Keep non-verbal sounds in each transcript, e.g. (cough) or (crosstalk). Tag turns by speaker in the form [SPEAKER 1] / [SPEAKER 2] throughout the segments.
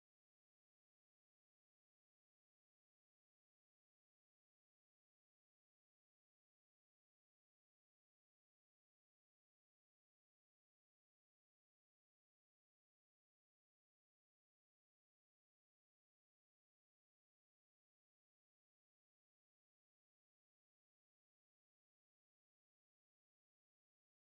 [SPEAKER 1] that's first set you on path where you on today?
[SPEAKER 2] I just started as a young person who has been dreaming to put his love or to put love on what he's doing, and I really want to. The reason why I'm really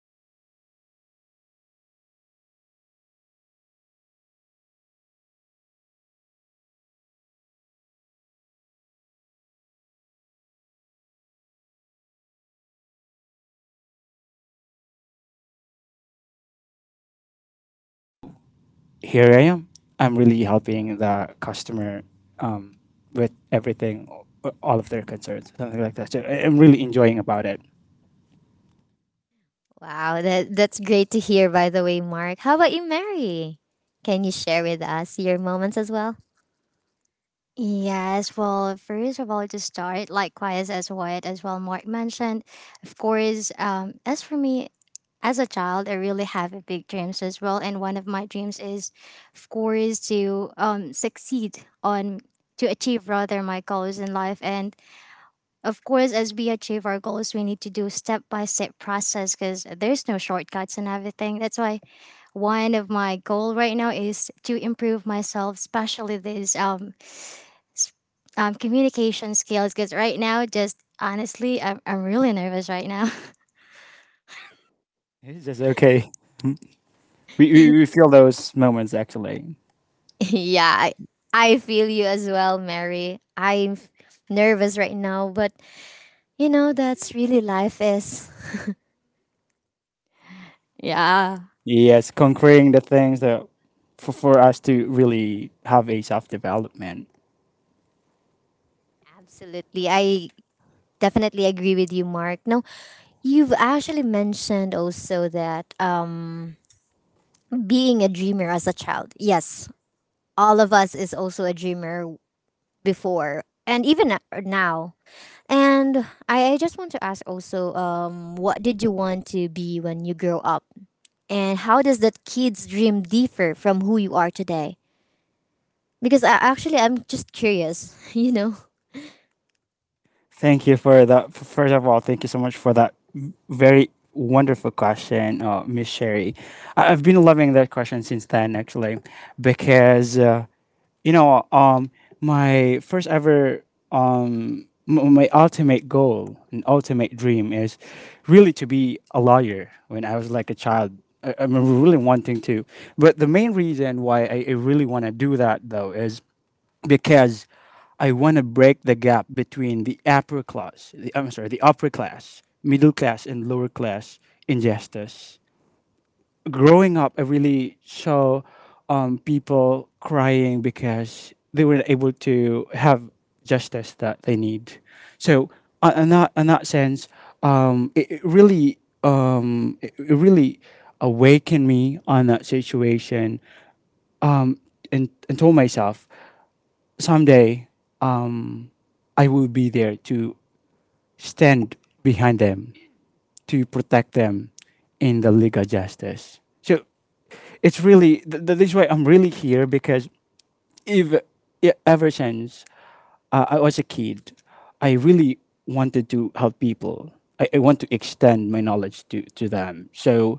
[SPEAKER 2] to whom I'm really right now is because I really want to help people. That is why right after graduation, really I really look for a job that I would be able to extend my ability or my knowledge to other people. So here I am. I'm really helping the customer, um, with everything, all of their concerns, something like that. So I'm really enjoying about it.
[SPEAKER 1] Wow, that's great to hear, by the way, Mark. How about you, Mary? Can you share with us your moments as well?
[SPEAKER 3] Yes, well, first of all, to start, likewise, as what as well Mark mentioned, of course, as for me, as a child, I really have a big dreams as well, and one of my dreams is, of course, to succeed on to achieve rather my goals in life, and of course, as we achieve our goals, we need to do step by step process because there's no shortcuts and everything. That's why one of my goal right now is to improve myself, especially this s- communication skills. Because right now, just honestly, I'm really nervous right now.
[SPEAKER 2] It's just okay. We feel those moments actually.
[SPEAKER 1] (laughs) Yeah, I feel you as well, Mary. I'm nervous right now, but you know, that's really life is. (laughs)
[SPEAKER 3] (laughs) Yeah.
[SPEAKER 2] Yes, conquering the things that for us to really have a self development.
[SPEAKER 1] Absolutely. I definitely agree with you, Mark. Now, you've actually mentioned also that being a dreamer as a child. Yes, all of us is also a dreamer before and even now. And I just want to ask also, what did you want to be when you grow up? And how does that kid's dream differ from who you are today? Because I, actually, I'm just curious, (laughs) you know?
[SPEAKER 2] Thank you for that. First of all, thank you so much for that very wonderful question, Miss Sherry. I've been loving that question since then actually, because you know, um, my first ever, my ultimate goal and ultimate dream is really to be a lawyer. When I was like a child, I'm really wanting to. But the main reason why I really want to do that though is because I want to break the gap between the upper class, the, I'm sorry, the upper class, middle class, and lower class injustice. Growing up, I really saw people crying because they weren't able to have justice that they need. So, in that sense, it really it really awakened me on that situation, um, and told myself someday um, I will be there to stand behind them, to protect them in the legal justice. So it's really this way I'm really here because if yeah, ever since I was a kid, I really wanted to help people. I want to extend my knowledge to them. So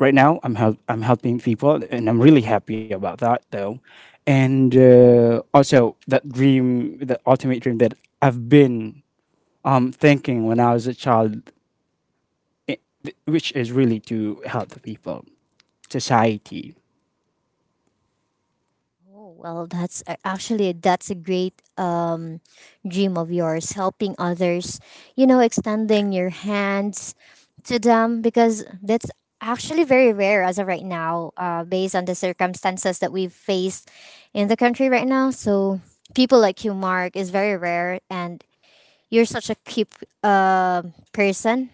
[SPEAKER 2] right now I'm helping people, and I'm really happy about that though. And also that dream, that ultimate dream that I've been thinking when I was a child, i- which is really to help the people society.
[SPEAKER 1] Oh, well, actually that's a great dream of yours, helping others. You know, extending your hands to them because that's actually very rare as of right now, based on the circumstances that we've faced in the country right now. So people like you, Mark, is very rare, and you're such a cute uh, person.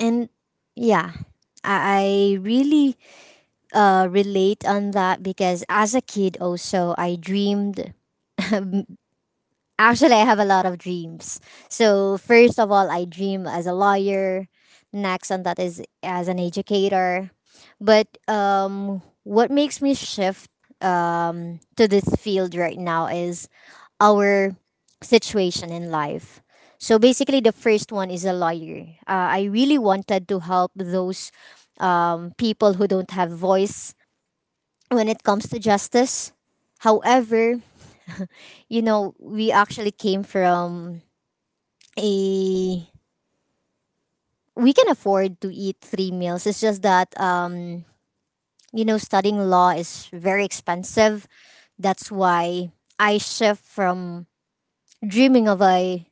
[SPEAKER 1] And yeah, I really relate on that because as a kid also I dreamed (laughs) actually I have a lot of dreams. So first of all I dream as a lawyer, next on that is as an educator. But what makes me shift to this field right now is our situation in life. So basically, the first one is a lawyer. I really wanted to help those people who don't have voice when it comes to justice. However, you know, we actually came from a we can afford to eat three meals. It's just that you know, studying law is very expensive. That's why I shift from dreaming of a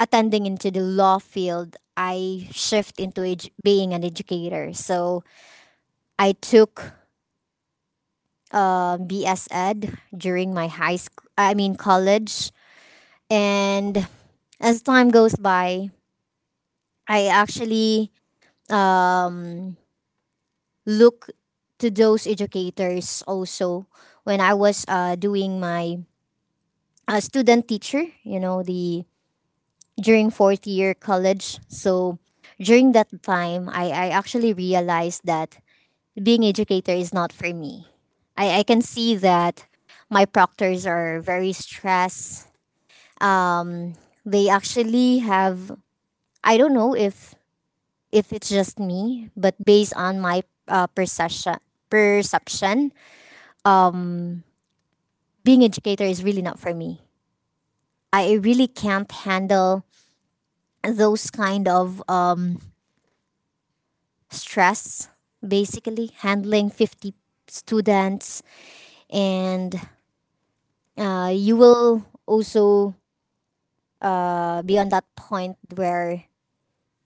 [SPEAKER 1] attending into the law field. I shift into being an educator. So I took BS Ed during my high school. I mean college, and as time goes by, I actually um, look to those educators also when I was doing my student teacher, you know, the during fourth year college. So during that time, I actually realized that being educator is not for me. I can see that my proctors are very stressed. Um, they actually have, I don't know if it's just me, but based on my uh, perception, perception, um, being educator is really not for me. I really can't handle those kind of stress. Basically, handling 50 students, and you will also be on that point where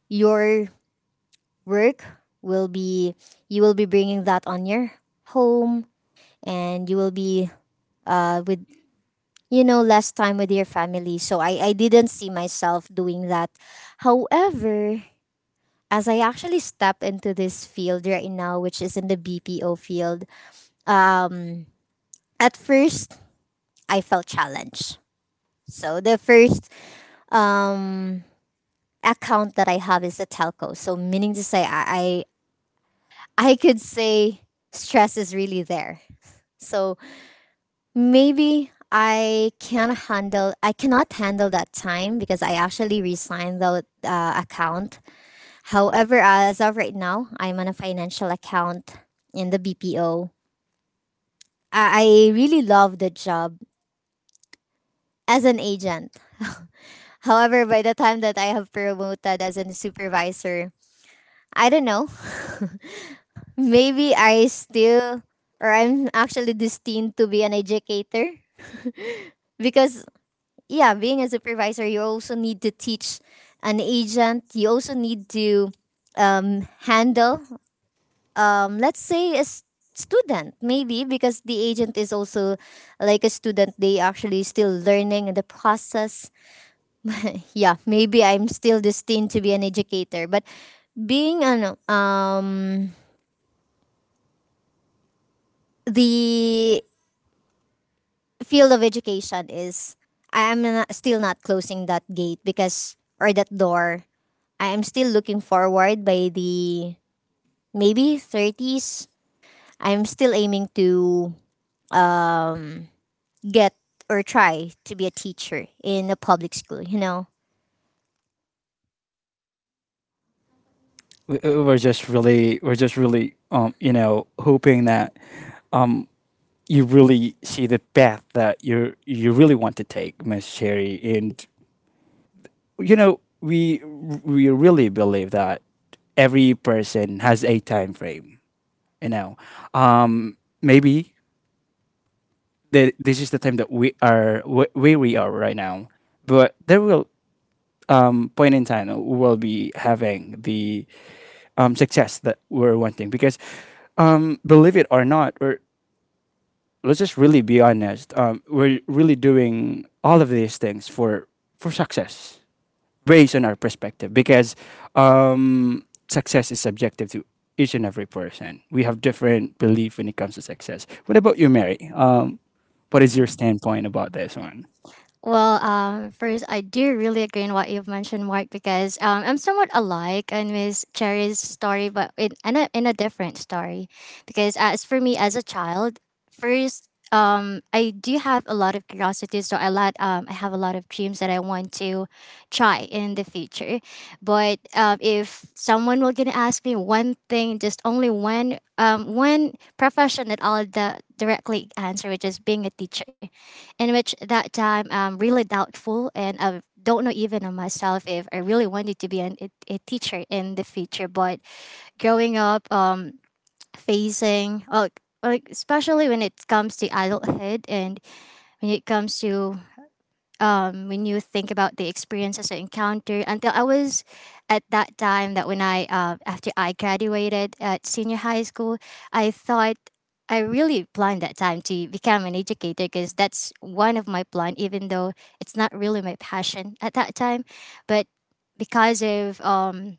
[SPEAKER 1] your work will be you will be bringing that on your home and you will be with you know, less time with your family. So I didn't see myself doing that. However, as I actually step into this field right now, which is in the BPO field, um, at first I felt challenged. So the first um, account that I have is a telco. So meaning to say, I could say stress is really there. So maybe I can handle. I cannot handle that time because I actually resigned the account. However, as of right now, I'm on a financial account in the BPO. I I really love the job as an agent. However, by the time that I have promoted as a supervisor, I don't know. (laughs) Maybe I still, or I'm actually destined to be an educator because yeah, being a supervisor, you also need to teach an agent. You also need to handle, let's say, student, maybe, because the agent is also like a student. They actually still learning in the process. (laughs) Yeah, maybe I'm still destined to be an educator. But being the field of education is, I'm not, still not closing that gate because, or that door I'm still looking forward by the maybe 30s. I'm still aiming to um, get or try to be a teacher in a public school, you know?
[SPEAKER 2] We're just really you know, hoping that um you really see the path that you really want to take, Miss Cherry, and you know, we really believe that every person has a time frame, you know. um Maybe this is the time that we are where we are right now, but there will point in time we will be having the success that we're wanting. Because believe it or not, we're, let's just really be honest. We're really doing all of these things for success, based on our perspective, because success is subjective to each and every person. We have different belief when it comes to success. What about you, Mary? What is your standpoint about this one?
[SPEAKER 3] Well, first, I do really agree in what you've mentioned, Mark, because I'm somewhat alike in Miss Cherry's story, but in a different story. Because as for me as a child, first, I do have a lot of curiosity, so I have a lot of dreams that I want to try in the future. But if someone were gonna ask me one thing, just only one, one profession that I'll directly answer, which is being a teacher in which that time I'm really doubtful and I don't know even on myself if I really wanted to be a teacher in the future. But growing up, facing, well, like especially when it comes to adulthood and when it comes to when you think about the experiences I encountered until I was at that time that when I after I graduated at senior high school, I thought I really planned that time to become an educator because that's one of my plan, even though it's not really my passion at that time, but because of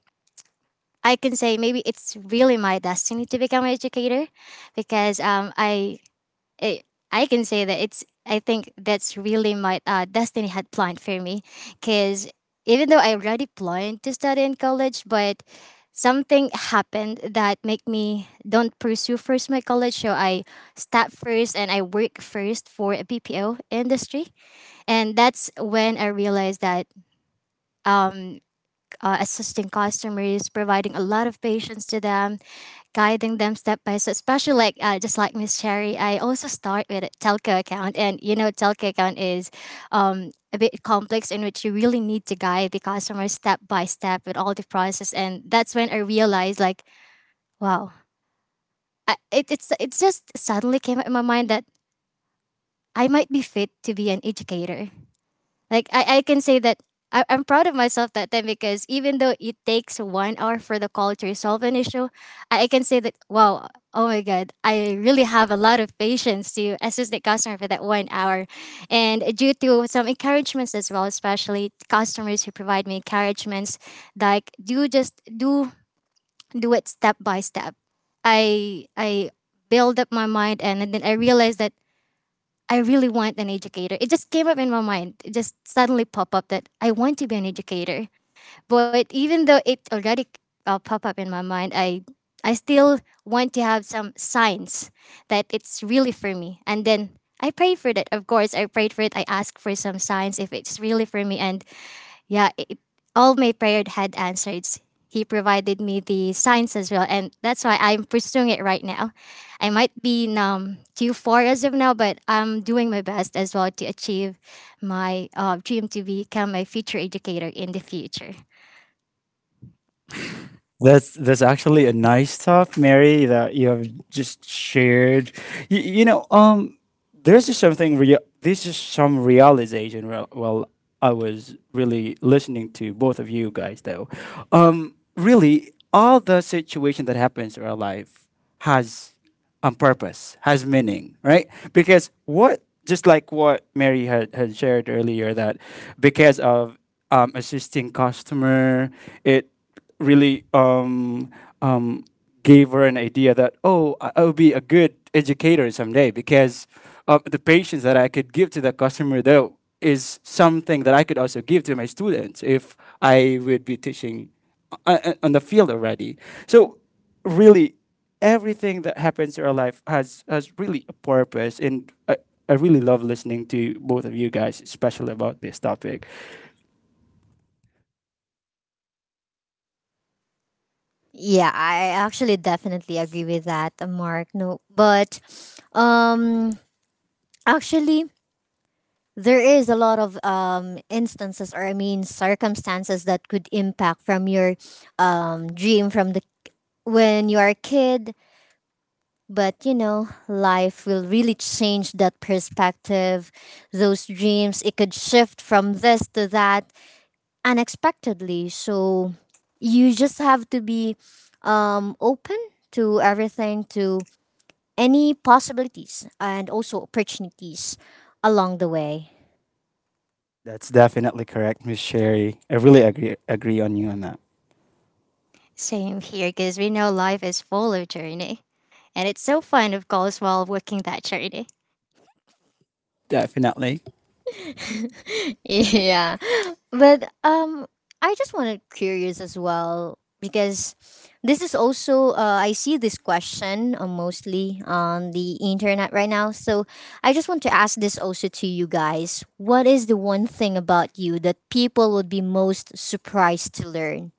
[SPEAKER 3] I can say maybe it's really my destiny to become an educator because I I can say that it's I think that's really my destiny had planned for me because even though I already planned to study in college, but something happened that make me don't pursue first my college so I start first and I work first for a BPO industry and that's when I realized that um, assisting customers providing a lot of patience to them guiding them step by step. Especially like just like Miss Cherry, I also start with a telco account, and you know telco account is a bit complex in which you really need to guide the customer step by step with all the process, and that's when I realized like wow, I, it, it's it just suddenly came up in my mind that I might be fit to be an educator. Like I can say that I'm proud of myself that time because even though it takes 1 hour for the call to resolve an issue, I can say that wow, oh my god, I really have a lot of patience to assist the customer for that 1 hour. And due to some encouragements as well, especially customers who provide me encouragements, like do just do do it step by step. I build up my mind and then I realized that I really want an educator. It just came up in my mind. It just suddenly popped up that I want to be an educator. But even though it already popped up in my mind, I still want to have some signs that it's really for me. And then I pray for that. Of course, I prayed for it. I asked for some signs if it's really for me. And yeah, all my prayer had answered. He provided me the signs as well, and that's why I'm pursuing it right now. I might be too far as of now, but I'm doing my best as well to achieve my dream to become a future educator in the future.
[SPEAKER 2] That's actually a nice thought, Mary, that you have just shared. You know, there's just something real. This is some realization. Well, I was really listening to both of you guys, though. Really, all the situation that happens in our life has a purpose, has meaning, right? Because what, just like what Mary had shared earlier, that because of assisting customer, it really um, gave her an idea that, oh, I'll be a good educator someday because the patience that I could give to the customer though is something that I could also give to my students if I would be teaching on the field already. So really, everything that happens in our life has really a purpose, and I really love listening to both of you guys, especially about this topic.
[SPEAKER 1] Yeah, I actually definitely agree with that, Mark. No, but um, actually, there is a lot of instances or I mean circumstances that could impact from your dream from the when you are a kid. But you know, life will really change that perspective. Those dreams, it could shift from this to that unexpectedly. So you just have to be open to everything, to any possibilities and also opportunities along the way.
[SPEAKER 2] That's definitely correct, Miss Sherry. I really agree on you on that.
[SPEAKER 3] Same here, because we know life is full of journey, and it's so fun, of course, while working that journey.
[SPEAKER 2] Definitely.
[SPEAKER 1] (laughs) Yeah. But I just wanted curious as well because this is also I see this question mostly on the internet right now. So I just want to ask this also to you guys. What is the one thing about you that people would be most surprised to learn?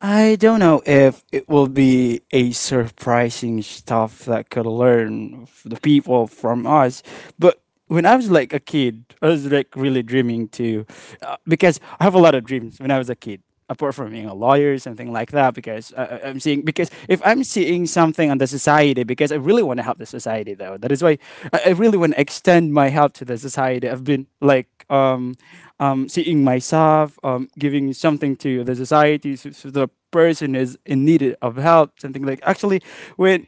[SPEAKER 2] I don't know if it will be a surprising stuff that could learn the people from us, but when I was like a kid, I was like really dreaming too, because I have a lot of dreams when I was a kid. Apart from being a lawyer, something like that, because I'm seeing, because if I'm seeing something on the society, because I really want to help the society though. That is why I really want to extend my help to the society. I've been like seeing myself, giving something to the society, so, so the person is in need of help, something like actually when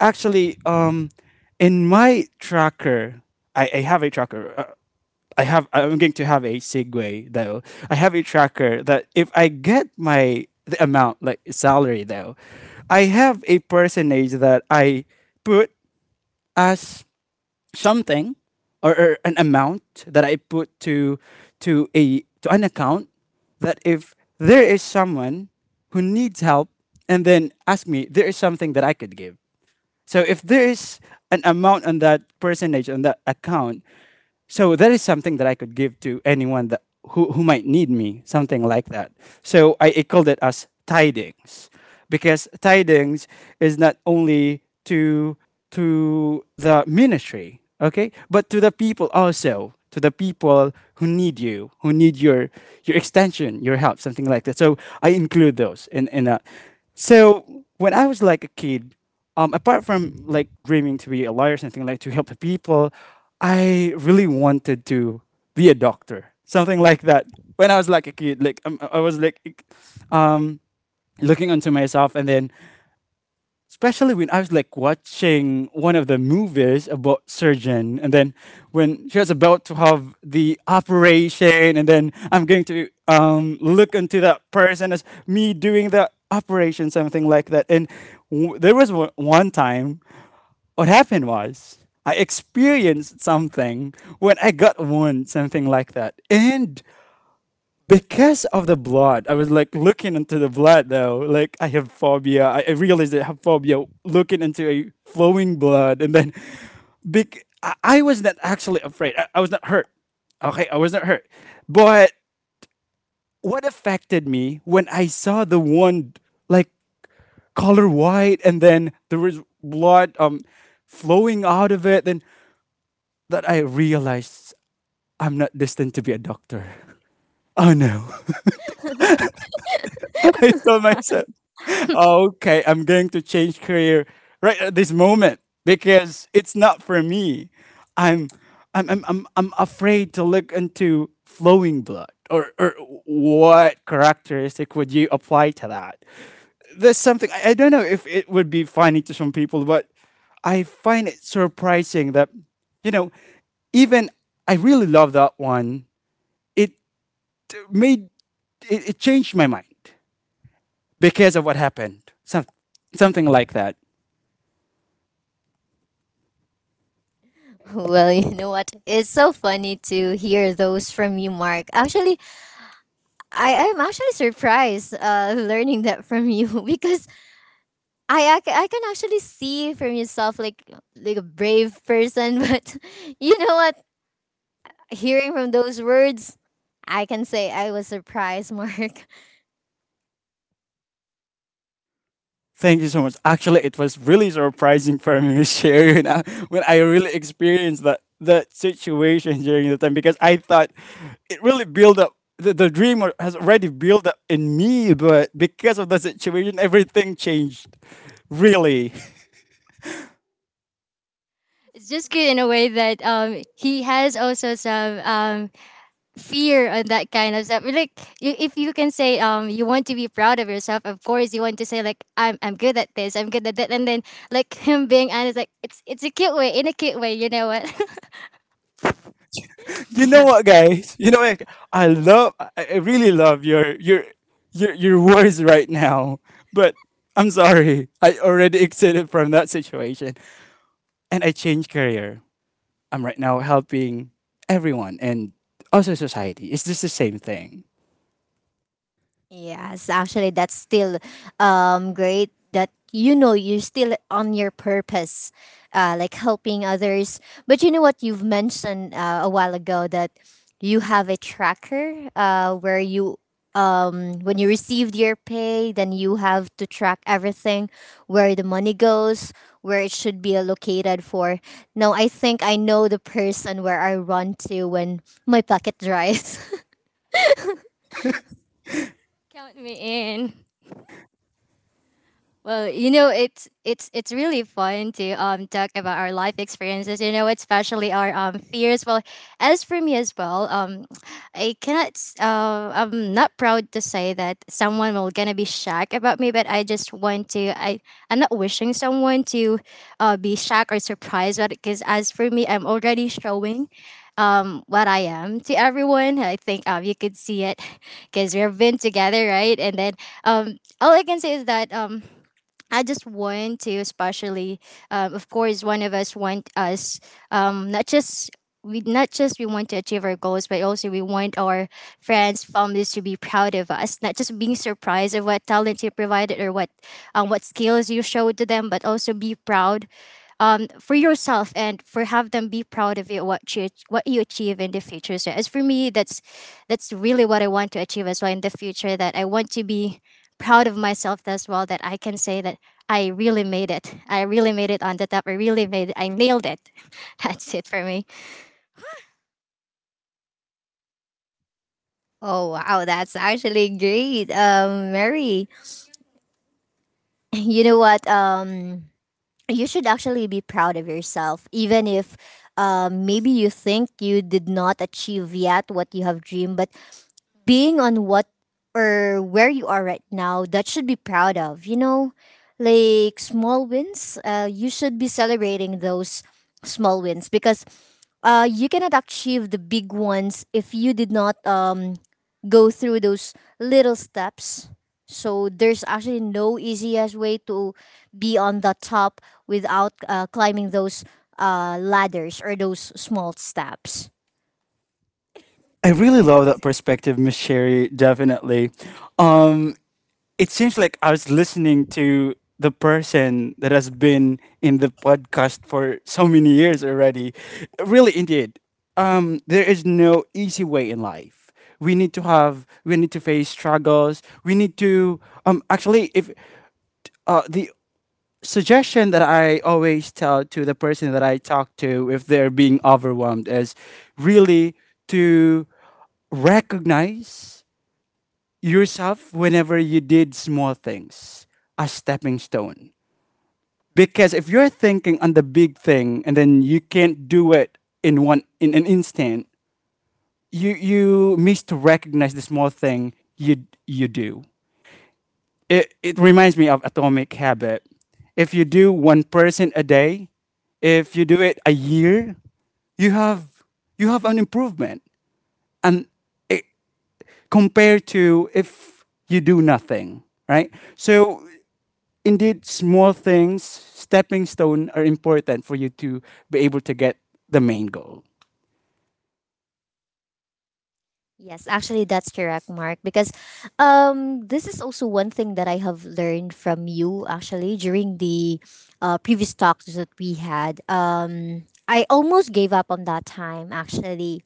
[SPEAKER 2] actually, in my tracker, I have a tracker. I'm going to have a segue though. I have a tracker that if I get my the amount like salary though, I have a percentage that I put as something, or an amount that I put to a to an account, that if there is someone who needs help and then ask me, there is something that I could give. So if there is an amount on that percentage on that account, so that is something that I could give to anyone that who might need me, something like that. So I called it as tidings, because tidings is not only to the ministry, okay, but to the people also, to the people who need you, who need your extension, your help, something like that. So I include those in that. So when I was like a kid, apart from like dreaming to be a lawyer or something like to help the people, I really wanted to be a doctor, something like that. When I was like a kid, like I was like, um, looking onto myself, and then especially when I was like watching one of the movies about surgeon, and then when she was about to have the operation, and then I'm going to look into that person as me doing the operation, something like that. And there was one time what happened was I experienced something when I got wound, something like that. And because of the blood, I was like looking into the blood though. Like I have phobia. I realized I have phobia looking into a flowing blood. And then big, I was not actually afraid. I was not hurt. Okay, I was not hurt. But what affected me when I saw the wound, like color white, and then there was blood flowing out of it, then that I realized I'm not destined to be a doctor. Oh no. (laughs) I told myself,
[SPEAKER 3] (laughs)
[SPEAKER 2] okay, I'm going to change career right at this moment because it's not for me. I'm I'm afraid to look into flowing blood, or what characteristic would you apply to that? There's something, I don't know if it would be funny to some people, but I find it surprising that, you know, even I really love that one. It made it, it changed my mind because of what happened. Something like that.
[SPEAKER 1] (laughs) Well, you know what? It's so funny to hear those from you, Mark. Actually, I am actually surprised (laughs) learning that from you (laughs) because I can actually see from yourself like a brave person, (laughs) but you know what? Hearing from those words, I can say I was surprised, (laughs) Mark.
[SPEAKER 2] Thank you so much. Actually, it was really surprising for me, (laughs) to share you know, when I really experienced that situation during the time, because I thought it really built up. The dream has already built up in me, but because of the situation, everything changed. Really.
[SPEAKER 3] It's just good in a way that he has also some fear on that kind of stuff. Like you, if you can say you want to be proud of yourself, of course you want to say like I'm good at this, I'm good at that, and then like (laughs) him being honest, like it's a cute way in a cute way. You know what?
[SPEAKER 2] You know what, guys? You know what? I really love your words right now. But I'm sorry, I already exited from that situation, and I changed career. I'm right now helping everyone and also society. It's just the same thing.
[SPEAKER 1] Yes, actually, that's still great that you know you're still on your purpose, like helping others. But you know what you've mentioned a while ago that you have a tracker where you when you received your pay then you have to track everything where the money goes where it should be allocated for now I think I know the person where I run to when my pocket dries. (laughs)
[SPEAKER 3] (laughs) Count me in. Well, you know, it's really fun to talk about our life experiences. You know, especially our fears. Well, as for me as well, I cannot. I'm not proud to say that someone will gonna be shocked about me, but I just want to. I'm not wishing someone to, be shocked or surprised. But because as for me, I'm already showing. What I am to everyone, I think you could see it, (laughs) because we've been together, right? And then all I can say is that I just want to, especially, of course, one of us want us not just we want to achieve our goals, but also we want our friends, families to be proud of us. Not just being surprised of what talent you provided or what skills you showed to them, but also be proud for yourself and for have them be proud of you what you achieve in the future. So as for me, that's really what I want to achieve as well in the future. That I want to be proud of myself as well. That I can say that I really made it. I really made it on the top. I really made it. I nailed it. (laughs) That's it for me.
[SPEAKER 1] Oh wow, that's actually great. Mary, (laughs) you know what? You should actually be proud of yourself even if maybe you think you did not achieve yet what you have dreamed, but being on what or where you are right now that should be proud of you know like small wins, you should be celebrating those small wins because you cannot achieve the big ones if you did not go through those little steps. So there's actually no easiest way to be on the top without climbing those ladders or those small steps.
[SPEAKER 2] I really love that perspective, Miss Sherry. Definitely. Um, it seems like I was listening to the person that has been in the podcast for so many years already. Really, indeed, there is no easy way in life. We need to face struggles. We need to, actually, if the suggestion that I always tell to the person that I talk to if they're being overwhelmed is really to recognize yourself whenever you did small things as stepping stone. Because if you're thinking on the big thing and then you can't do it in one in an instant, you miss to recognize the small thing you do. It reminds me of atomic habit. If you do one person a day, if you do it a year, you have you have an improvement. And it, compared to if you do nothing, right? So indeed small things, stepping stone are important for you to be able to get the main goal.
[SPEAKER 1] Yes, actually, that's correct, Mark. Because this is also one thing that I have learned from you, actually, during the previous talks that we had. I almost gave up on that time, actually.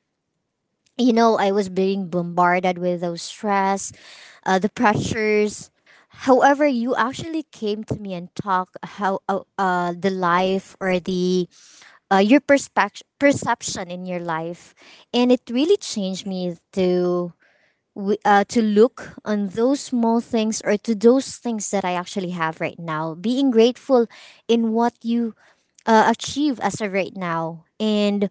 [SPEAKER 1] You know, I was being bombarded with those stress, the pressures. However, you actually came to me and talk how the life or the your perspective perception in your life, and it really changed me to to look on those small things or to those things that I actually have right now. Being grateful in what you achieve as of right now. And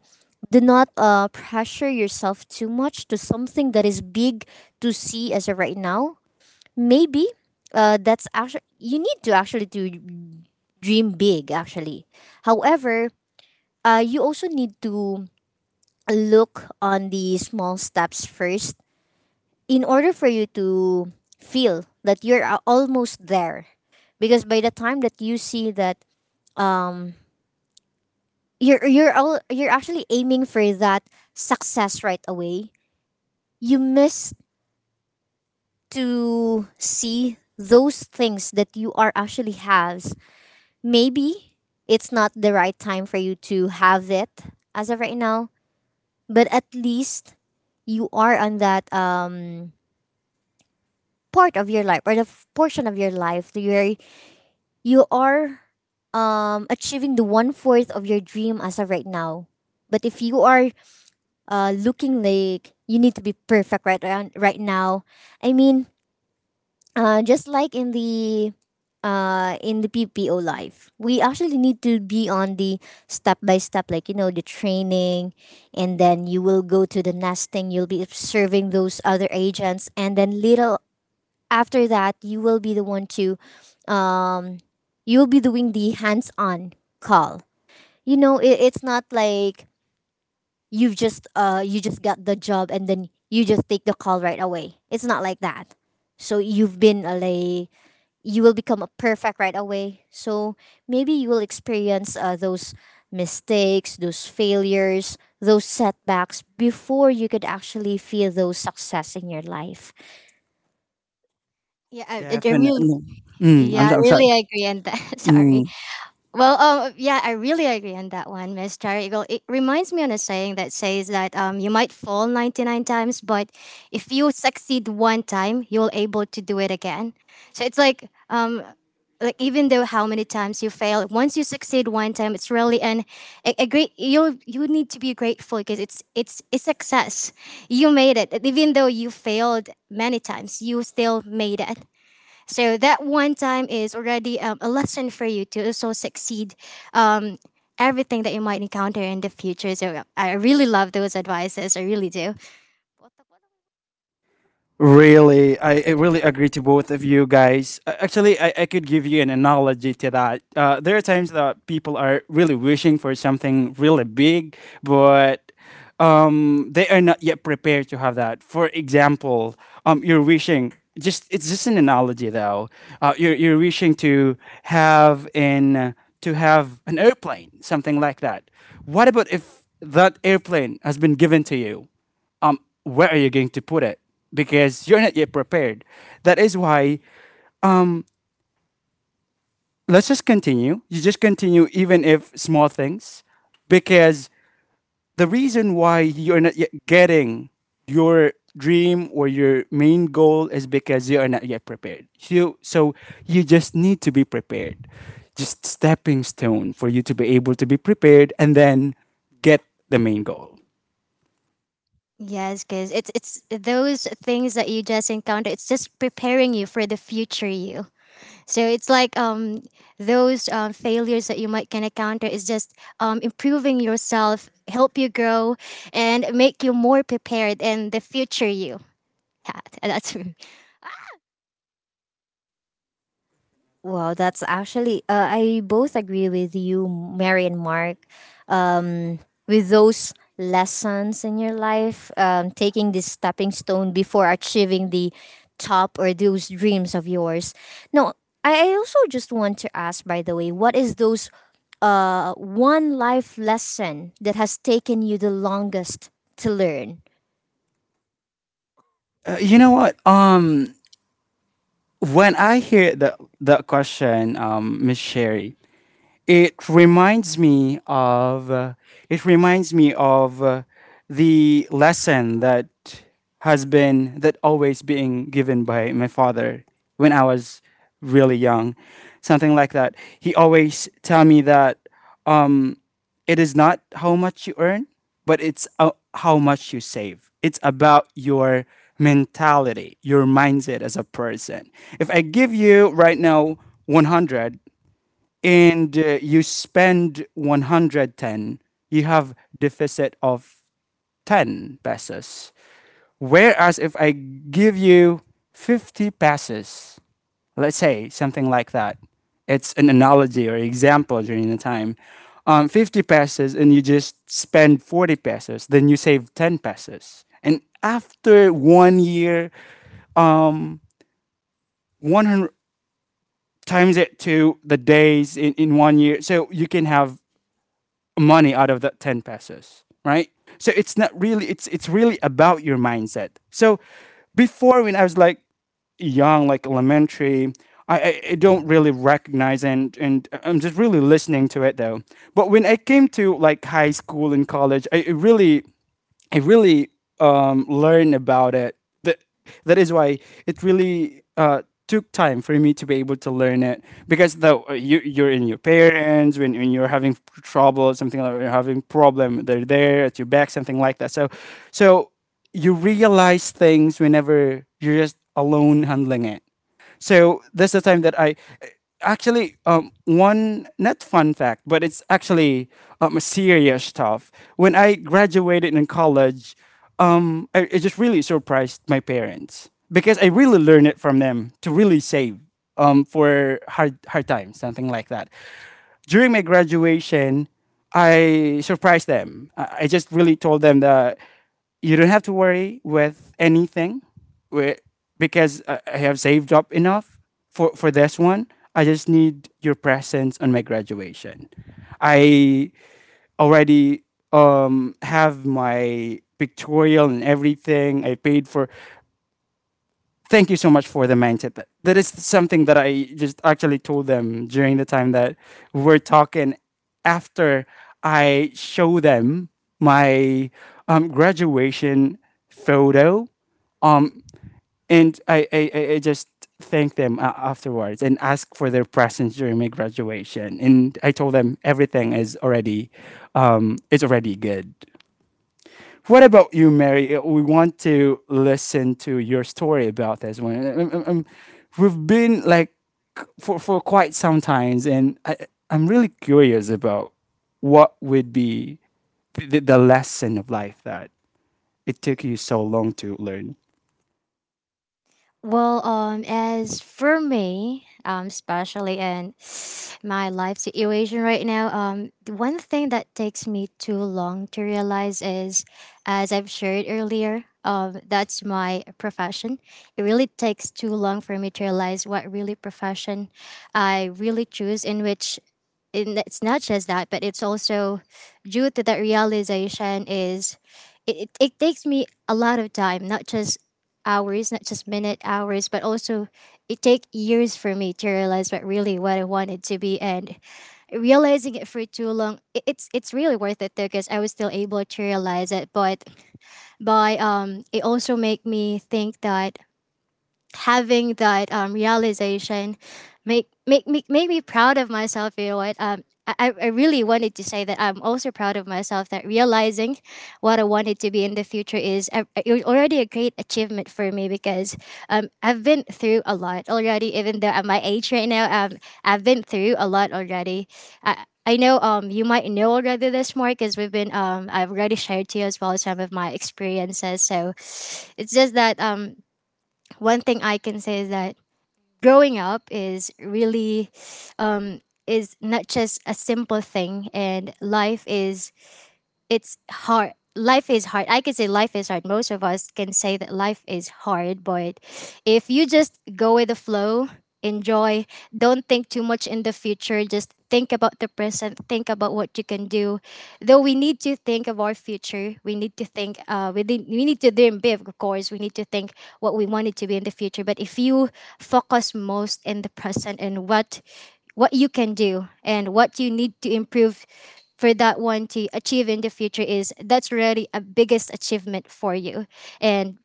[SPEAKER 1] do not pressure yourself too much to something that is big to see as of right now. Maybe that's actually, you need to actually to dream big actually. However, you also need to look on the small steps first in order for you to feel that almost there because by the time that you see that um you're actually aiming for that success right away you miss to see those things that you are actually has maybe it's not the right time for you to have it as of right now, but at least you are on that part of your life or the portion of your life that you're you are achieving the one fourth of your dream as of right now. But if you are looking like you need to be perfect right around, right now, I mean, just like in the PPO life, we actually need to be on the step by step, like you know, the training, and then you will go to the nesting. You'll be observing those other agents, and then little after that you will be the one to um you'll be doing the hands-on call. It's not like you've just you just got the job and then you just take the call right away. It's not like that. So you've been a like you will become a perfect right away. So maybe you will experience those mistakes, those failures, those setbacks before you could actually feel those success in your life.
[SPEAKER 3] Yeah, I really,
[SPEAKER 2] Definitely.
[SPEAKER 3] yeah, I
[SPEAKER 2] I'm sorry.
[SPEAKER 3] really agree on that. (laughs) Sorry.
[SPEAKER 2] Mm.
[SPEAKER 3] Well, yeah, I really agree on that one, Miss Cherry Eagle. It reminds me on a saying that says that you might fall 99 times, but if you succeed one time, you'll able to do it again. So it's like even though how many times you fail, once you succeed one time, it's really an a great. You need to be grateful because it's a success. You made it, even though you failed many times, you still made it. So that one time is already a lesson for you to also succeed um, everything that you might encounter in the future. So I really love those advices. I really do.
[SPEAKER 2] Really, I really agree to both of you guys. Actually, I could give you an analogy to that. There are times that people are really wishing for something really big, but they are not yet prepared to have that. For example, you're wishing, just it's just an analogy though. You're wishing have an to have an airplane, something like that. What about if that airplane has been given to you? um, where are you going to put it? Because you're not yet prepared. That is why let's just continue. You just continue, even if small things, because the reason why you're not yet getting your dream or your main goal is because you are not yet prepared. So you just need to be prepared. Just stepping stone for you to be able to be prepared and then get the main goal.
[SPEAKER 3] Yes, because it's those things that you just encounter. It's just preparing you for the future you. So it's like those failures that you might can encounter is just improving yourself, help you grow, and make you more prepared in the future you. Yeah, (laughs) that's
[SPEAKER 1] Wow, that's actually I both agree with you, Mary and Mark. Um, with those lessons in your life, taking this stepping stone before achieving the top or those dreams of yours. No, I also just want to ask, by the way, what is those one life lesson that has taken you the longest to learn?
[SPEAKER 2] You know what? When I hear the question, Miss Sherry, it reminds me of uh, it reminds me of the lesson that has been that always being given by my father when I was really young, something like that. He always tell me that um, it is not how much you earn, but it's how much you save. It's about your mentality, your mindset as a person. If I give you right now 100, and you spend 110, you have deficit of 10 pesos. Whereas if I give you 50 pesos, let's say something like that, it's an analogy or example during the time, 50 pesos and you just spend 40 pesos, then you save 10 pesos. And after 1 year, 100 times it to the days in 1 year, so you can have money out of that 10 pesos, right? So it's not really, it's really about your mindset. So before when I was like young, like elementary, I don't really recognize, and I'm just really listening to it though. But when I came to like high school and college, I really learned about it. That that is why it really took time for me to be able to learn it, because though you're in your parents when you're having trouble, something like you're having problem, they're there at your back, something like that. So you realize things whenever you're just alone handling it. So that's the time that I actually, one not fun fact, but it's actually serious stuff. When I graduated in college, it just really surprised my parents because I really learned it from them to really save for hard times, something like that. During my graduation, I surprised them. I just really told them that you don't have to worry with anything where, because I have saved up enough for this one. I just need your presence on my graduation. I already have my pictorial and everything. I paid for. Thank you so much for the mindset. That is something that I just actually told them during the time that we're talking, after I show them my graduation photo. Um, and I just thank them afterwards and ask for their presence during my graduation. And I told them everything is already, it's already good. What about you, Mary? We want to listen to your story about this one. We've been like for quite some times, and I'm really curious about what would be the lesson of life that it took you so long to learn.
[SPEAKER 3] well, as for me, especially in (sighs) my life situation right now, the one thing that takes me too long to realize is, as I've shared earlier, that's my profession. It really takes too long for me to realize what really profession I really choose, in which and it's not just that, but it's also due to that realization is it takes me a lot of time, not just hours, not just minute hours, but also it take years for me to realize what really what I wanted to be and realizing it for too long it's really worth it though because I was still able to realize it but by it also make me think that having that realization make me proud of myself. You know what, I really wanted to say that I'm also proud of myself that realizing what I wanted to be in the future is already a great achievement for me because I've been through a lot already even though at my age right now I've been through a lot already. I know, you might know already this more because we've been I've already shared to you as well some of my experiences so it's just that one thing I can say is that growing up is really um, is not just a simple thing, and life is it's hard. Life is hard. I can say life is hard. Most of us can say that life is hard, but if you just go with the flow, enjoy, don't think too much in the future, just think about the present, think about what you can do. Though we need to think of our future, we need to think, we need to dream big, of course, we need to think what we want it to be in the future. But if you focus most in the present and what you can do and what you need to improve for that one to achieve in the future is that's really a biggest achievement for you and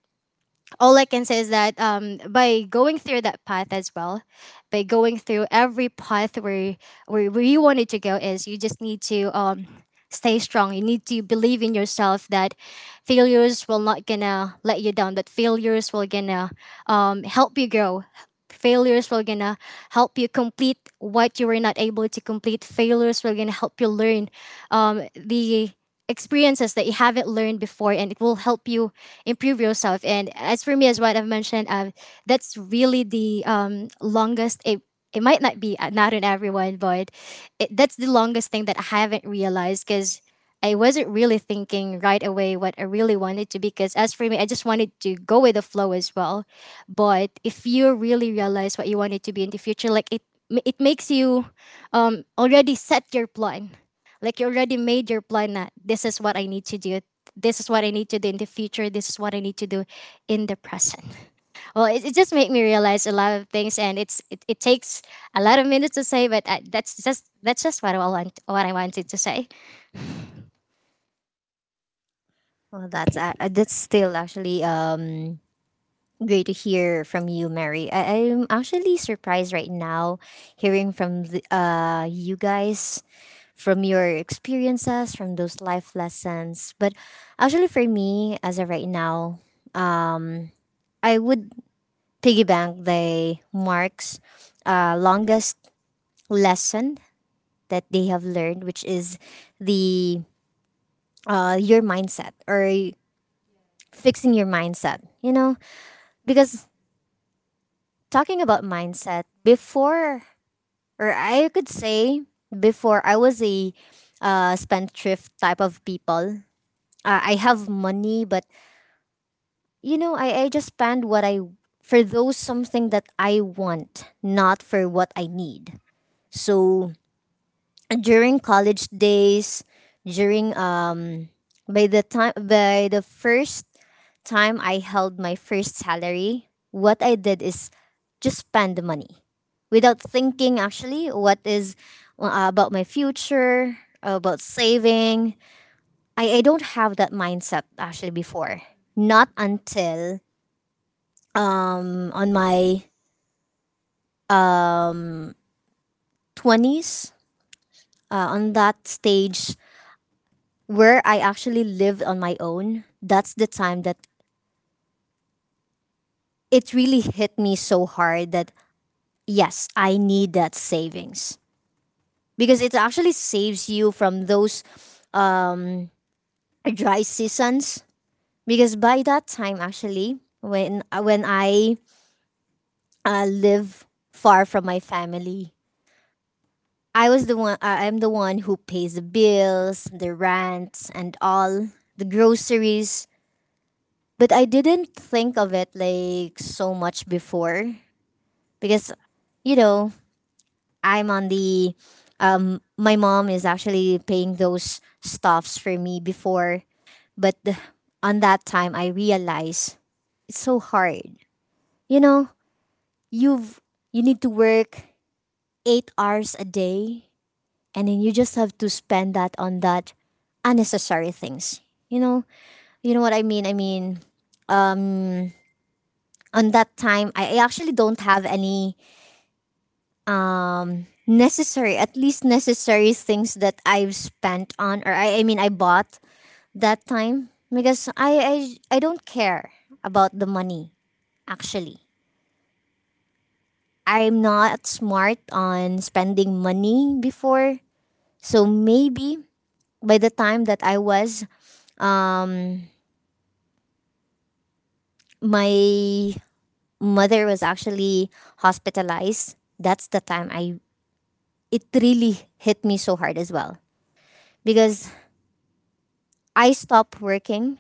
[SPEAKER 3] all I can say is that by going through that path as well, by going through every path where you wanted to go is you just need to stay strong. You need to believe in yourself that failures will not gonna let you down. That failures will gonna help you grow. Failures will gonna help you complete what you were not able to complete. Failures will gonna help you learn the experiences that you haven't learned before and it will help you improve yourself. And as for me, as what I've mentioned, that's really the longest, it might not be not in everyone, but that's the longest thing that I haven't realized, because I wasn't really thinking right away what I really wanted to be, because as for me I just wanted to go with the flow as well. But if you really realize what you wanted to be in the future, like it makes you already set your plan, like you already made your plan that this is what I need to do. This is what I need to do in the future. This is what I need to do in the present. Well, it just made me realize a lot of things, and it takes a lot of minutes to say, but that's just what I want what I wanted to say.
[SPEAKER 1] Well, that's still actually great to hear from you, Mary. I'm actually surprised right now hearing from the, you guys, from your experiences, from those life lessons. But actually, for me, as of right now, um, I would piggyback the Mark's longest lesson that they have learned, which is the your mindset or fixing your mindset. You know, because talking about mindset before, or I could say before I was a spendthrift type of people. I have money, but you know, I just spend what I for those something that I want, not for what I need. So during college days, during by the time, by the first time I held my first salary, what I did is just spend the money without thinking actually what is about my future, about saving. I don't have that mindset actually before. Not until on my 20s, on that stage where I actually lived on my own. That's the time that it really hit me so hard that yes, I need that savings, because it actually saves you from those um, dry seasons. Because by that time, actually, when I live far from my family, I was the one. I'm the one who pays the bills, the rents, and all the groceries. But I didn't think of it like so much before because, you know, I'm on the. My mom is actually paying those stuffs for me before. But th- on that time, I realized it's so hard. You know, you've you need to work 8 hours a day, and then you just have to spend that on that unnecessary things. You know, you know what I mean. I mean, um, on that time, I actually don't have any necessary, at least necessary things that I've spent on, or I mean, I bought that time because I don't care about the money actually. I'm not smart on spending money before. So maybe by the time that I was, um, my mother was actually hospitalized. That's the time I it really hit me so hard as well because I stopped working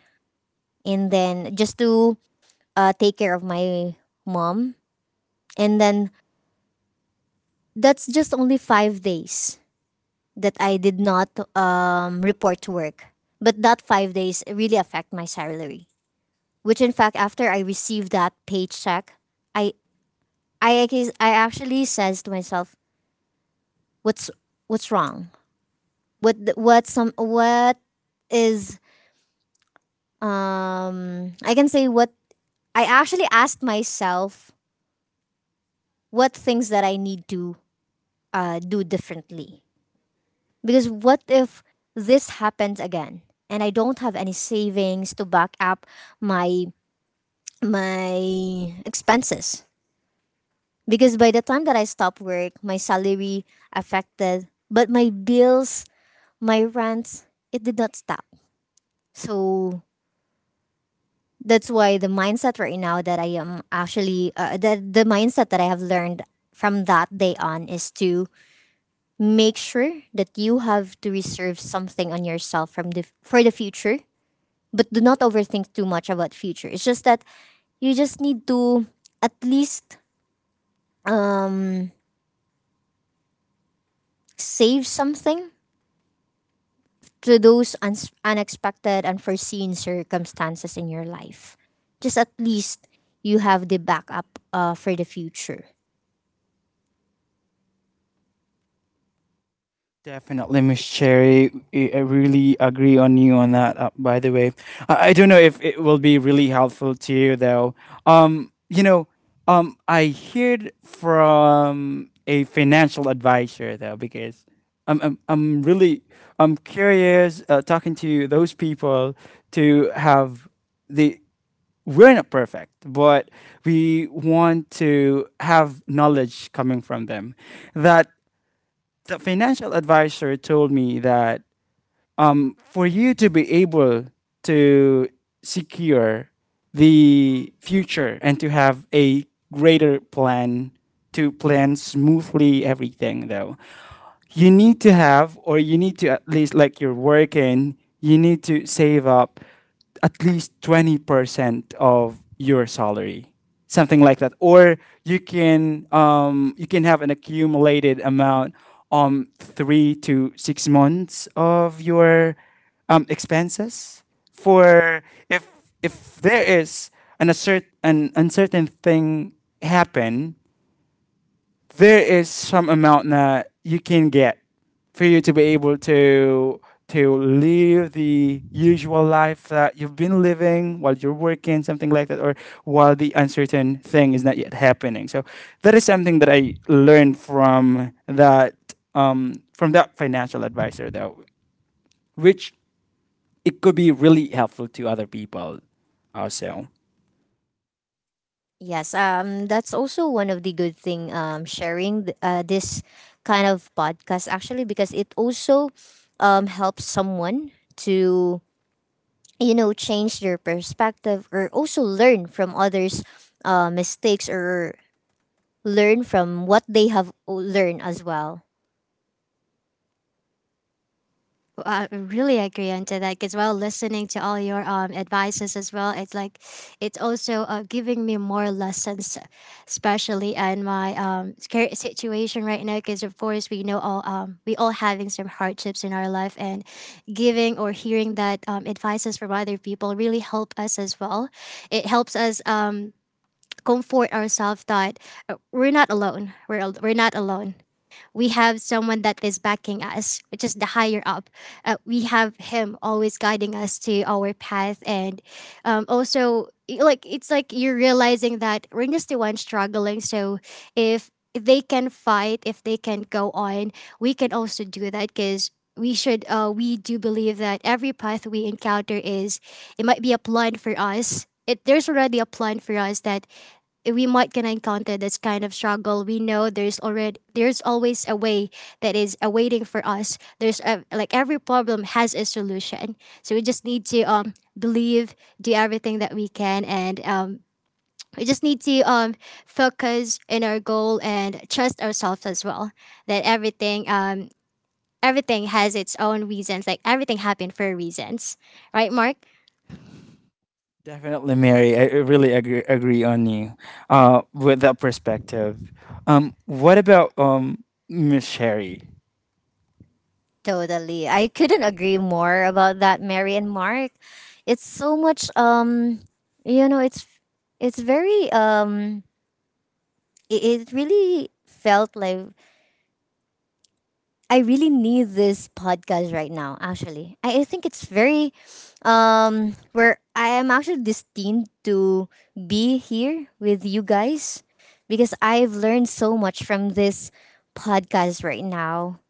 [SPEAKER 1] and then just to take care of my mom, and then that's just only 5 days that I did not report to work. But that 5 days really affect my salary. Which in fact, after I received that paycheck, I I actually says to myself, what's what's wrong? What is I can say what I actually asked myself what things that I need to do differently, because what if this happens again and I don't have any savings to back up my my expenses? Because by the time that I stopped work, my salary affected, but my bills, my rents, it did not stop. So that's why the mindset right now that I am actually the mindset that I have learned from that day on is to make sure that you have to reserve something on yourself from the for the future, but do not overthink too much about future. It's just that you just need to at least uh, save something to those uns unexpected, unforeseen circumstances in your life. Just at least you have the backup for the future.
[SPEAKER 2] Definitely, Miss Cherry. I really agree on you on that. By the way, I don't know if it will be really helpful to you though. You know, I heard from a financial advisor, though because I'm I'm, I'm really I'm curious, talking to those people to have the, we're not perfect, but we want to have knowledge coming from them, that the financial advisor told me that, for you to be able to secure the future and to have a greater plan, to plan smoothly everything, though you need to have, or you need to at least, like, you're working, you need to save up at least 20% of your salary, something like that, or you can have an accumulated amount, 3 to 6 months of your expenses, for if if there is an, an uncertain thing happen, there is some amount that you can get for you to be able to live the usual life that you've been living while you're working, something like that, or while the uncertain thing is not yet happening. So that is something that I learned from that financial advisor, though, which it could be really helpful to other people also.
[SPEAKER 1] Yes, that's also one of the good thing, sharing this kind of podcast, actually, because it also helps someone to you know change their perspective or also learn from others' mistakes, or learn from what they have learned as well.
[SPEAKER 3] Well, I really agree on to that as well. Listening to all your advices as well, it's like it's also giving me more lessons, especially in my current situation right now. Because of course we know all we all having some hardships in our life, and giving or hearing that advices from other people really help us as well. It helps us comfort ourselves that we're not alone. We're not alone, we have someone that is backing us, which is the higher up. We have him always guiding us to our path, and also like it's like you're realizing that we're just the one struggling. So if they can fight, if they can go on, we can also do that because. We should. We do believe that every path we encounter is, it might be a plan for us. It There's already a plan for us that we might gonna encounter this kind of struggle. We know there's always a way that is awaiting for us. There's a, like every problem has a solution, so we just need to believe, do everything that we can, and we just need to focus in our goal and trust ourselves as well, that everything has its own reasons, like everything happened for reasons, right, Mark?
[SPEAKER 2] Definitely, Mary. I really agree on you with that perspective. What about Miss Sherry?
[SPEAKER 1] Totally. I couldn't agree more about that, Mary and Mark. It's so much you know, it's very it really felt like I really need this podcast right now, actually. I think it's very where I am actually destined to be here with you guys, because I've learned so much from this podcast right now.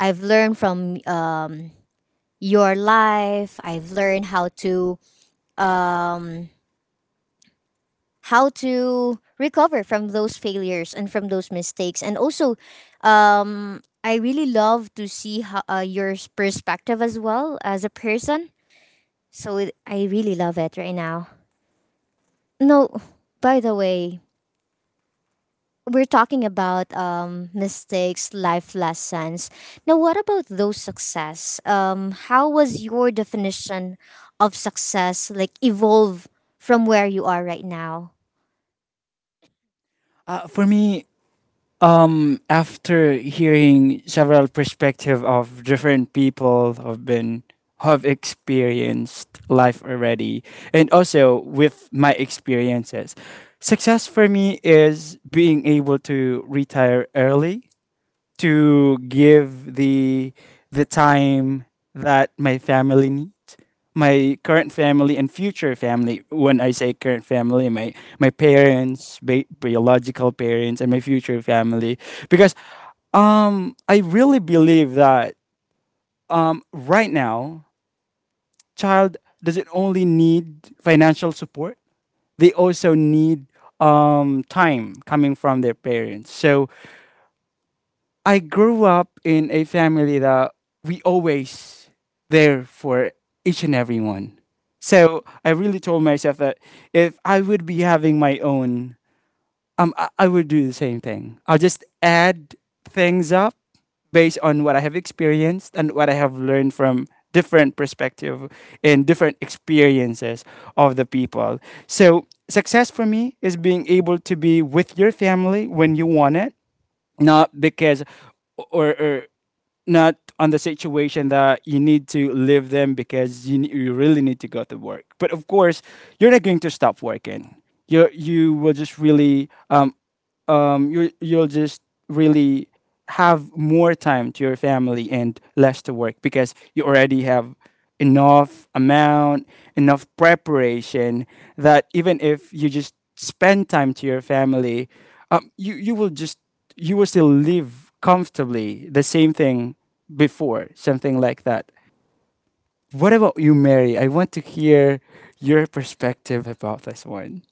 [SPEAKER 1] I've learned from your life. I've learned um how to recover from those failures and from those mistakes. And also I really love to see how, your perspective as well as a person. So it, I really love it right now. No, by the way, we're talking about mistakes, life lessons. Now, what about those success? How was your definition of success like evolve from where you are right now?
[SPEAKER 2] For me, after hearing several perspective of different people have experienced life already, and also with my experiences, success for me is being able to retire early to give the time that my family need, my current family and future family. When I say current family, my parents, biological parents, and my future family. Because I really believe that right now, child doesn't only need financial support, they also need time coming from their parents. So I grew up in a family that we always there for each and everyone. So I really told myself that if I would be having my own, I would do the same thing. I'll just add things up based on what I have experienced and what I have learned from different perspective and different experiences of the people. So success for me is being able to be with your family when you want it, not because, or not on the situation that you need to leave them, because you really need to go to work, but of course you're not going to stop working, you you will just really um, you'll just really have more time to your family and less to work, because you already have enough amount, enough preparation, that even if you just spend time to your family, um, you you will just you will still live comfortably the same thing before, something like that. What about you, Mary? I want to hear your perspective about this one.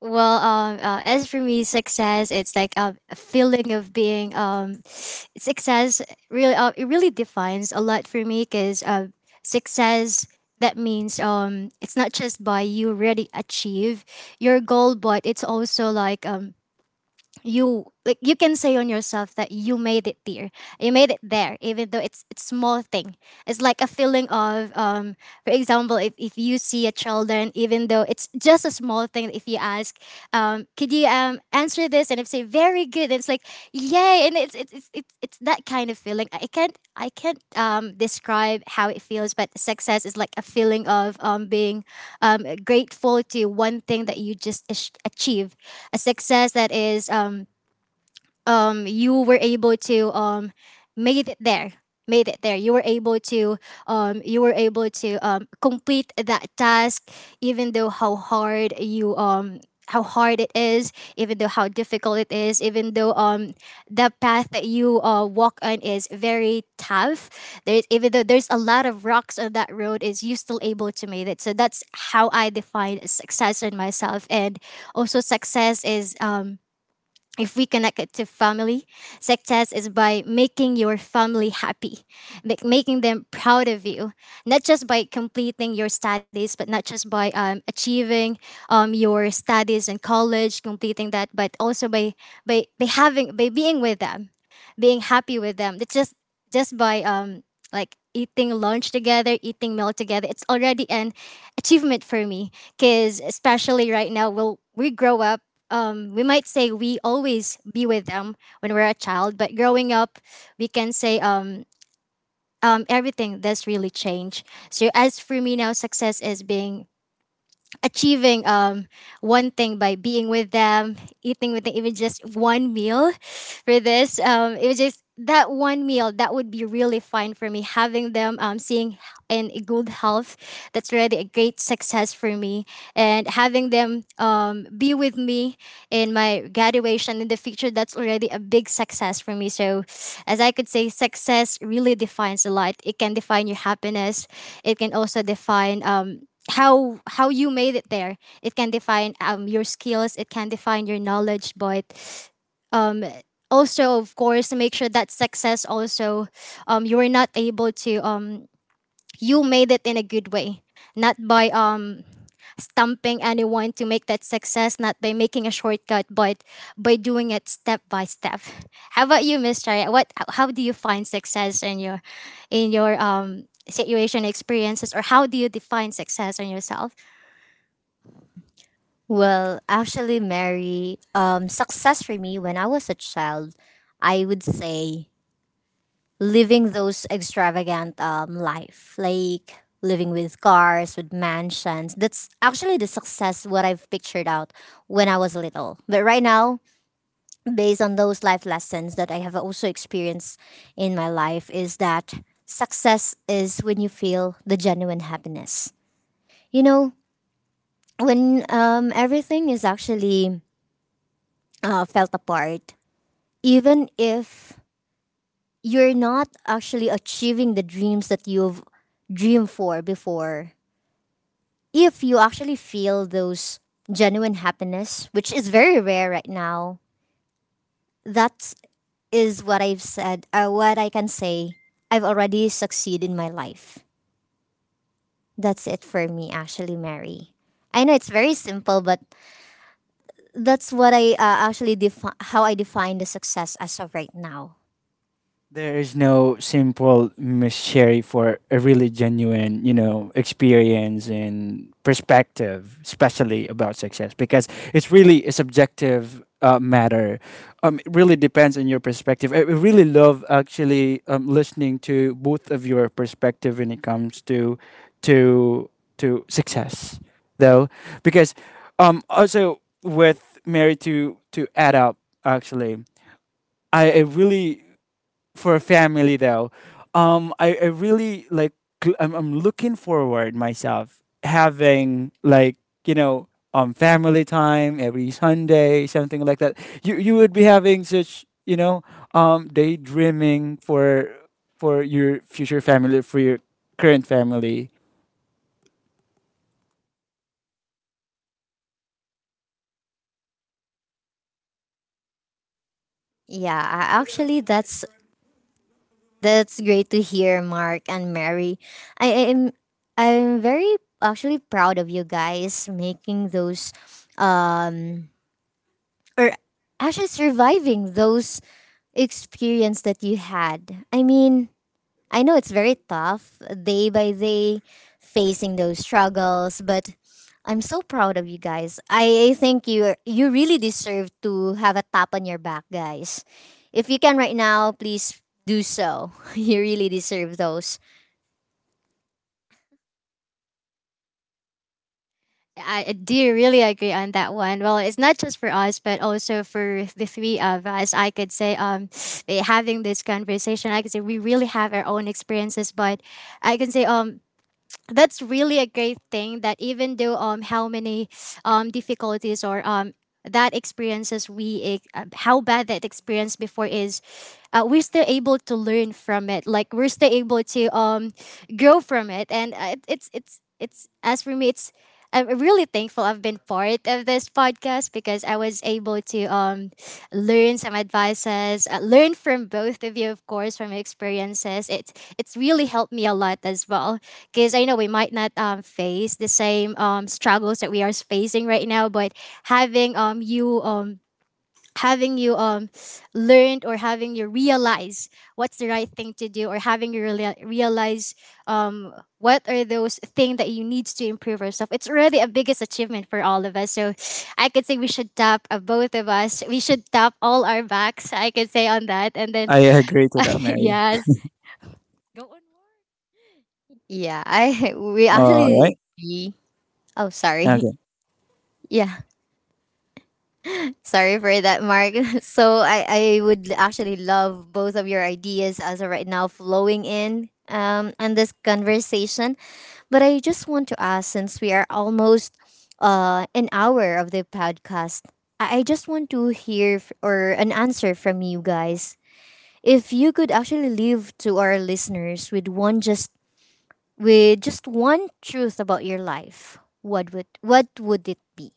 [SPEAKER 3] Well, as for me, success, it's like a feeling of being (sighs) success. Really, it really defines a lot for me, because success, that means it's not just by you already achieve your goal, but it's also like you, like you can say on yourself that you made it there, even though it's small thing. It's like a feeling of for example, if you see a children, even though it's just a small thing, if you ask could you answer this, and if say very good, it's like yay. And it's that kind of feeling. I can't describe how it feels, but success is like a feeling of being grateful to one thing that you just achieve, a success that is you were able to made it there made it there, you were able to you were able to complete that task, even though how hard you how hard it is, even though how difficult it is, even though the path that you walk on is very tough. There's, even though there's a lot of rocks on that road, is you still able to make it. So that's how I define success in myself. And also success is if we connect it to family, success is by making your family happy, making them proud of you, not just by completing your studies, but not just by achieving your studies in college, completing that, but also by, by having, by being with them, being happy with them. It's just by like eating lunch together, eating meal together. It's already an achievement for me. Kids, especially right now, will we grow up. We might say we always be with them when we're a child, but growing up, we can say everything does really change. So as for me now, success is being achieving one thing, by being with them, eating with them, even just one meal for this. It was just that one meal that would be really fine for me. Having them seeing in good health, that's already a great success for me. And having them be with me in my graduation in the future, that's already a big success for me. So as I could say, success really defines a lot. It can define your happiness. It can also define how you made it there. It can define your skills. It can define your knowledge, but um, also of course make sure that success also you were not able to you made it in a good way, not by stumping anyone to make that success, not by making a shortcut, but by doing it step by step. How about you, Miss, mr, what how do you find success in your situation, experiences, or how do you define success in yourself?
[SPEAKER 1] Well, actually, Mary, success for me when I was a child, I would say living those extravagant life, like living with cars, with mansions. That's actually the success what I've pictured out when I was little. But right now, based on those life lessons that I have also experienced in my life is that success is when you feel the genuine happiness. You know, when everything is actually felt apart, even if you're not actually achieving the dreams that you've dreamed for before, if you actually feel those genuine happiness, which is very rare right now, that's is what I've said, what I can say, I've already succeeded in my life. That's it for me, actually, Mary. I know it's very simple, but that's what I actually how I define the success as of right now.
[SPEAKER 2] There is no simple mystery for a really genuine, experience and perspective, especially about success, because it's really a subjective matter. It really depends on your perspective. I really love actually, listening to both of your perspective when it comes to to success, though, because also with Mary, to add up, actually, I really, for family though, I really like, I'm looking forward myself having like, you know family time every Sunday, something like that. You would be having such, daydreaming for your future family, for your current family.
[SPEAKER 1] Yeah, actually, that's great to hear, Mark and Mary. I am I'm very actually proud of you guys making those um or actually surviving those experience that you had. I mean, I know it's very tough day by day facing those struggles, but I'm so proud of you guys. I think you really deserve to have a tap on your back, guys. If you can right now, please do so. (laughs) You really deserve those.
[SPEAKER 3] I do really agree on that one. Well, it's not just for us, but also for the three of us. I could say, (sniffs) eh, having this conversation, I could say we really have our own experiences, but I can say, that's really a great thing that even though how many difficulties or that experiences we how bad that experience before is, we're still able to learn from it, like we're still able to grow from it. And it's as for me it's, I'm really thankful I've been part of this podcast because I was able to learn some advices, learn from both of you, of course, from your experiences. It's really helped me a lot as well, because I know we might not face the same struggles that we are facing right now, but having you having you learned, or having you realize what's the right thing to do, or having you realize um, what are those things that you need to improve yourself, it's already a biggest achievement for all of us. So I could say we should tap, both of us we should tap all our backs, I could say, on that. And then
[SPEAKER 2] I agree to that,
[SPEAKER 3] (laughs)
[SPEAKER 2] Mary.
[SPEAKER 3] yes, go on.
[SPEAKER 1] Yeah, I (laughs) we
[SPEAKER 2] All
[SPEAKER 1] actually
[SPEAKER 2] right.
[SPEAKER 1] agree. Oh, sorry.
[SPEAKER 2] Okay.
[SPEAKER 1] (laughs) Yeah. Sorry for that, Mark. (laughs) So I would actually love both of your ideas as of right now flowing in on this conversation. But I just want to ask, since we are almost an hour of the podcast, I just want to hear f- or an answer from you guys. If you could actually leave to our listeners with one just with just one truth about your life, what would it be?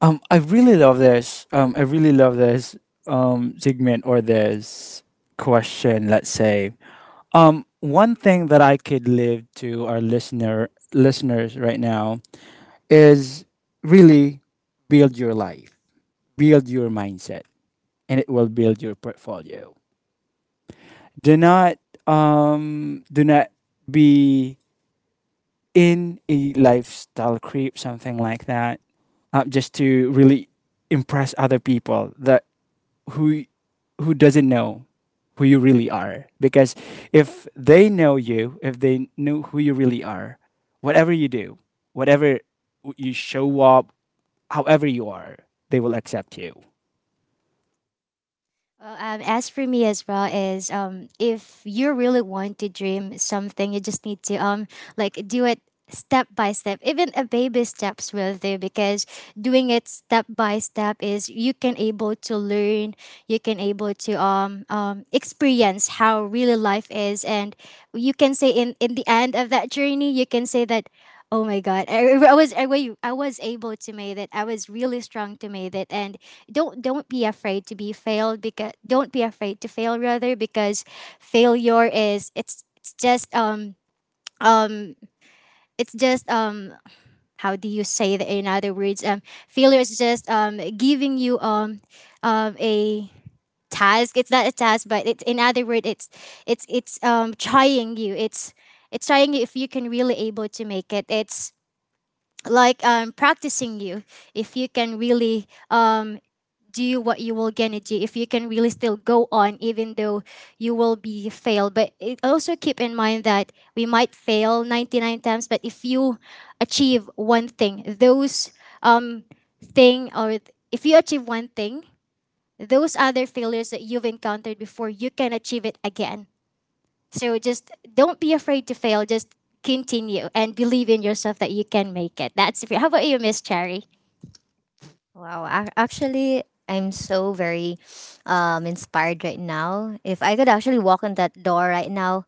[SPEAKER 2] I really love this segment or this question, let's say. One thing that I could live to our listeners right now is, really, build your life, build your mindset, and it will build your portfolio. Do not do not be in a lifestyle creep, something like that, just to really impress other people that who who doesn't know who you really are. Because if they know you, if they know who you really are, whatever you do, whatever you show up, however you are, they will accept you.
[SPEAKER 3] Well, as for me as well is if you really want to dream something, you just need to like do it step by step. Even a baby steps will do, because doing it step by step is you can able to learn, you can able to experience how really life is, and you can say in the end of that journey, you can say that. Oh my God! I was I was able to make it. I was really strong to make it, and don't be afraid to be failed, because don't be afraid to fail, rather. Because failure is um it's just how do you say that in other words failure is just giving you a task, it's not a task, but it's in other word it's trying you. It's trying you, if you can really able to make it, it's like practicing you, if you can really do what you will gonna do, if you can really still go on even though you will be failed. But it also keep in mind that we might fail 99 times, but if you achieve one thing, those um if you achieve one thing, those other failures that you've encountered before you can achieve it again. So just don't be afraid to fail, just continue and believe in yourself that you can make it. That's, how about you, Miss Cherry?
[SPEAKER 1] Wow, actually, I'm so very inspired right now. If I could actually walk in that door right now,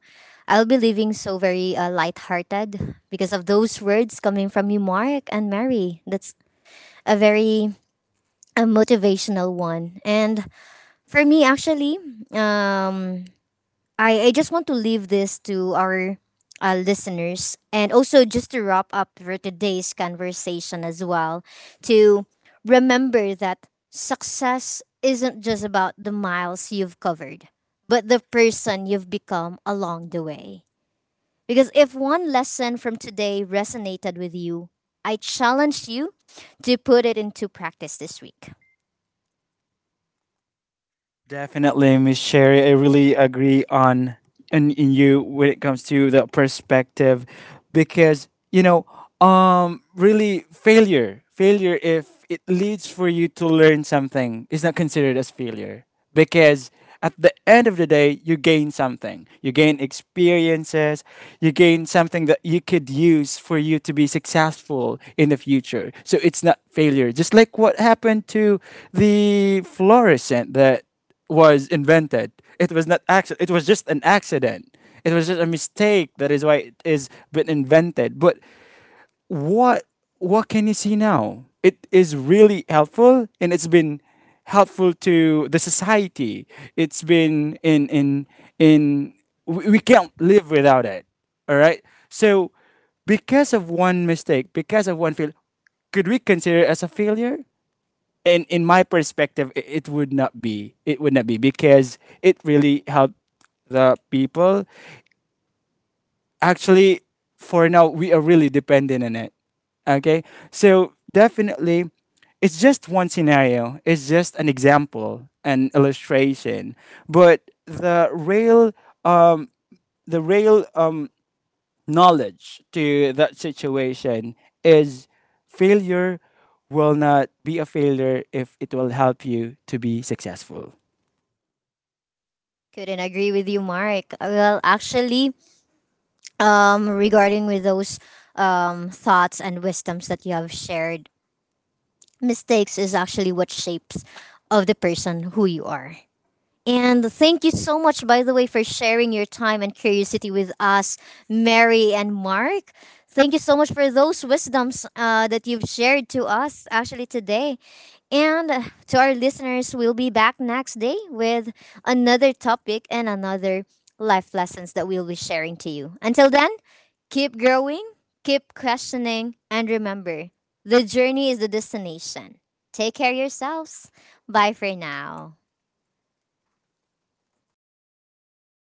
[SPEAKER 1] I'll be leaving so very lighthearted because of those words coming from you, Mark and Mary. That's a very a motivational one. And for me, actually, um, I just want to leave this to our listeners, and also just to wrap up for today's conversation as well, to remember that success isn't just about the miles you've covered, but the person you've become along the way. Because if one lesson from today resonated with you, I challenge you to put it into practice this week.
[SPEAKER 2] Definitely, Miss Sherry. I really agree on and in you when it comes to the perspective, because you know, really, failure if it leads for you to learn something is not considered as failure, because at the end of the day you gain something, you gain experiences, you gain something that you could use for you to be successful in the future. So it's not failure, just like what happened to the fluorescent that was invented. It was not accident. It was just an accident. It was just a mistake. That is why it is been invented. But what what can you see now? It is really helpful, and it's been helpful to the society. It's been in We can't live without it. All right. So because of one mistake, because of one fail, could we consider it as a failure? And in my perspective, it would not be because it really helped the people, actually, for now we are really dependent on it. Okay. So definitely, it's just one scenario, it's just an example, an illustration, but um the real knowledge to that situation is, failure will not be a failure if it will help you to be successful.
[SPEAKER 1] Couldn't agree with you, Mark. Well, actually, regarding with those thoughts and wisdoms that you have shared, mistakes is actually what shapes of the person who you are. And thank you so much, by the way, for sharing your time and curiosity with us, Mary and Mark. Thank you so much for those wisdoms, that you've shared to us actually today. And to our listeners, we'll be back next day with another topic and another life lessons that we'll be sharing to you. Until then, keep growing, keep questioning, and remember the journey is the destination. Take care of yourselves. Bye for now.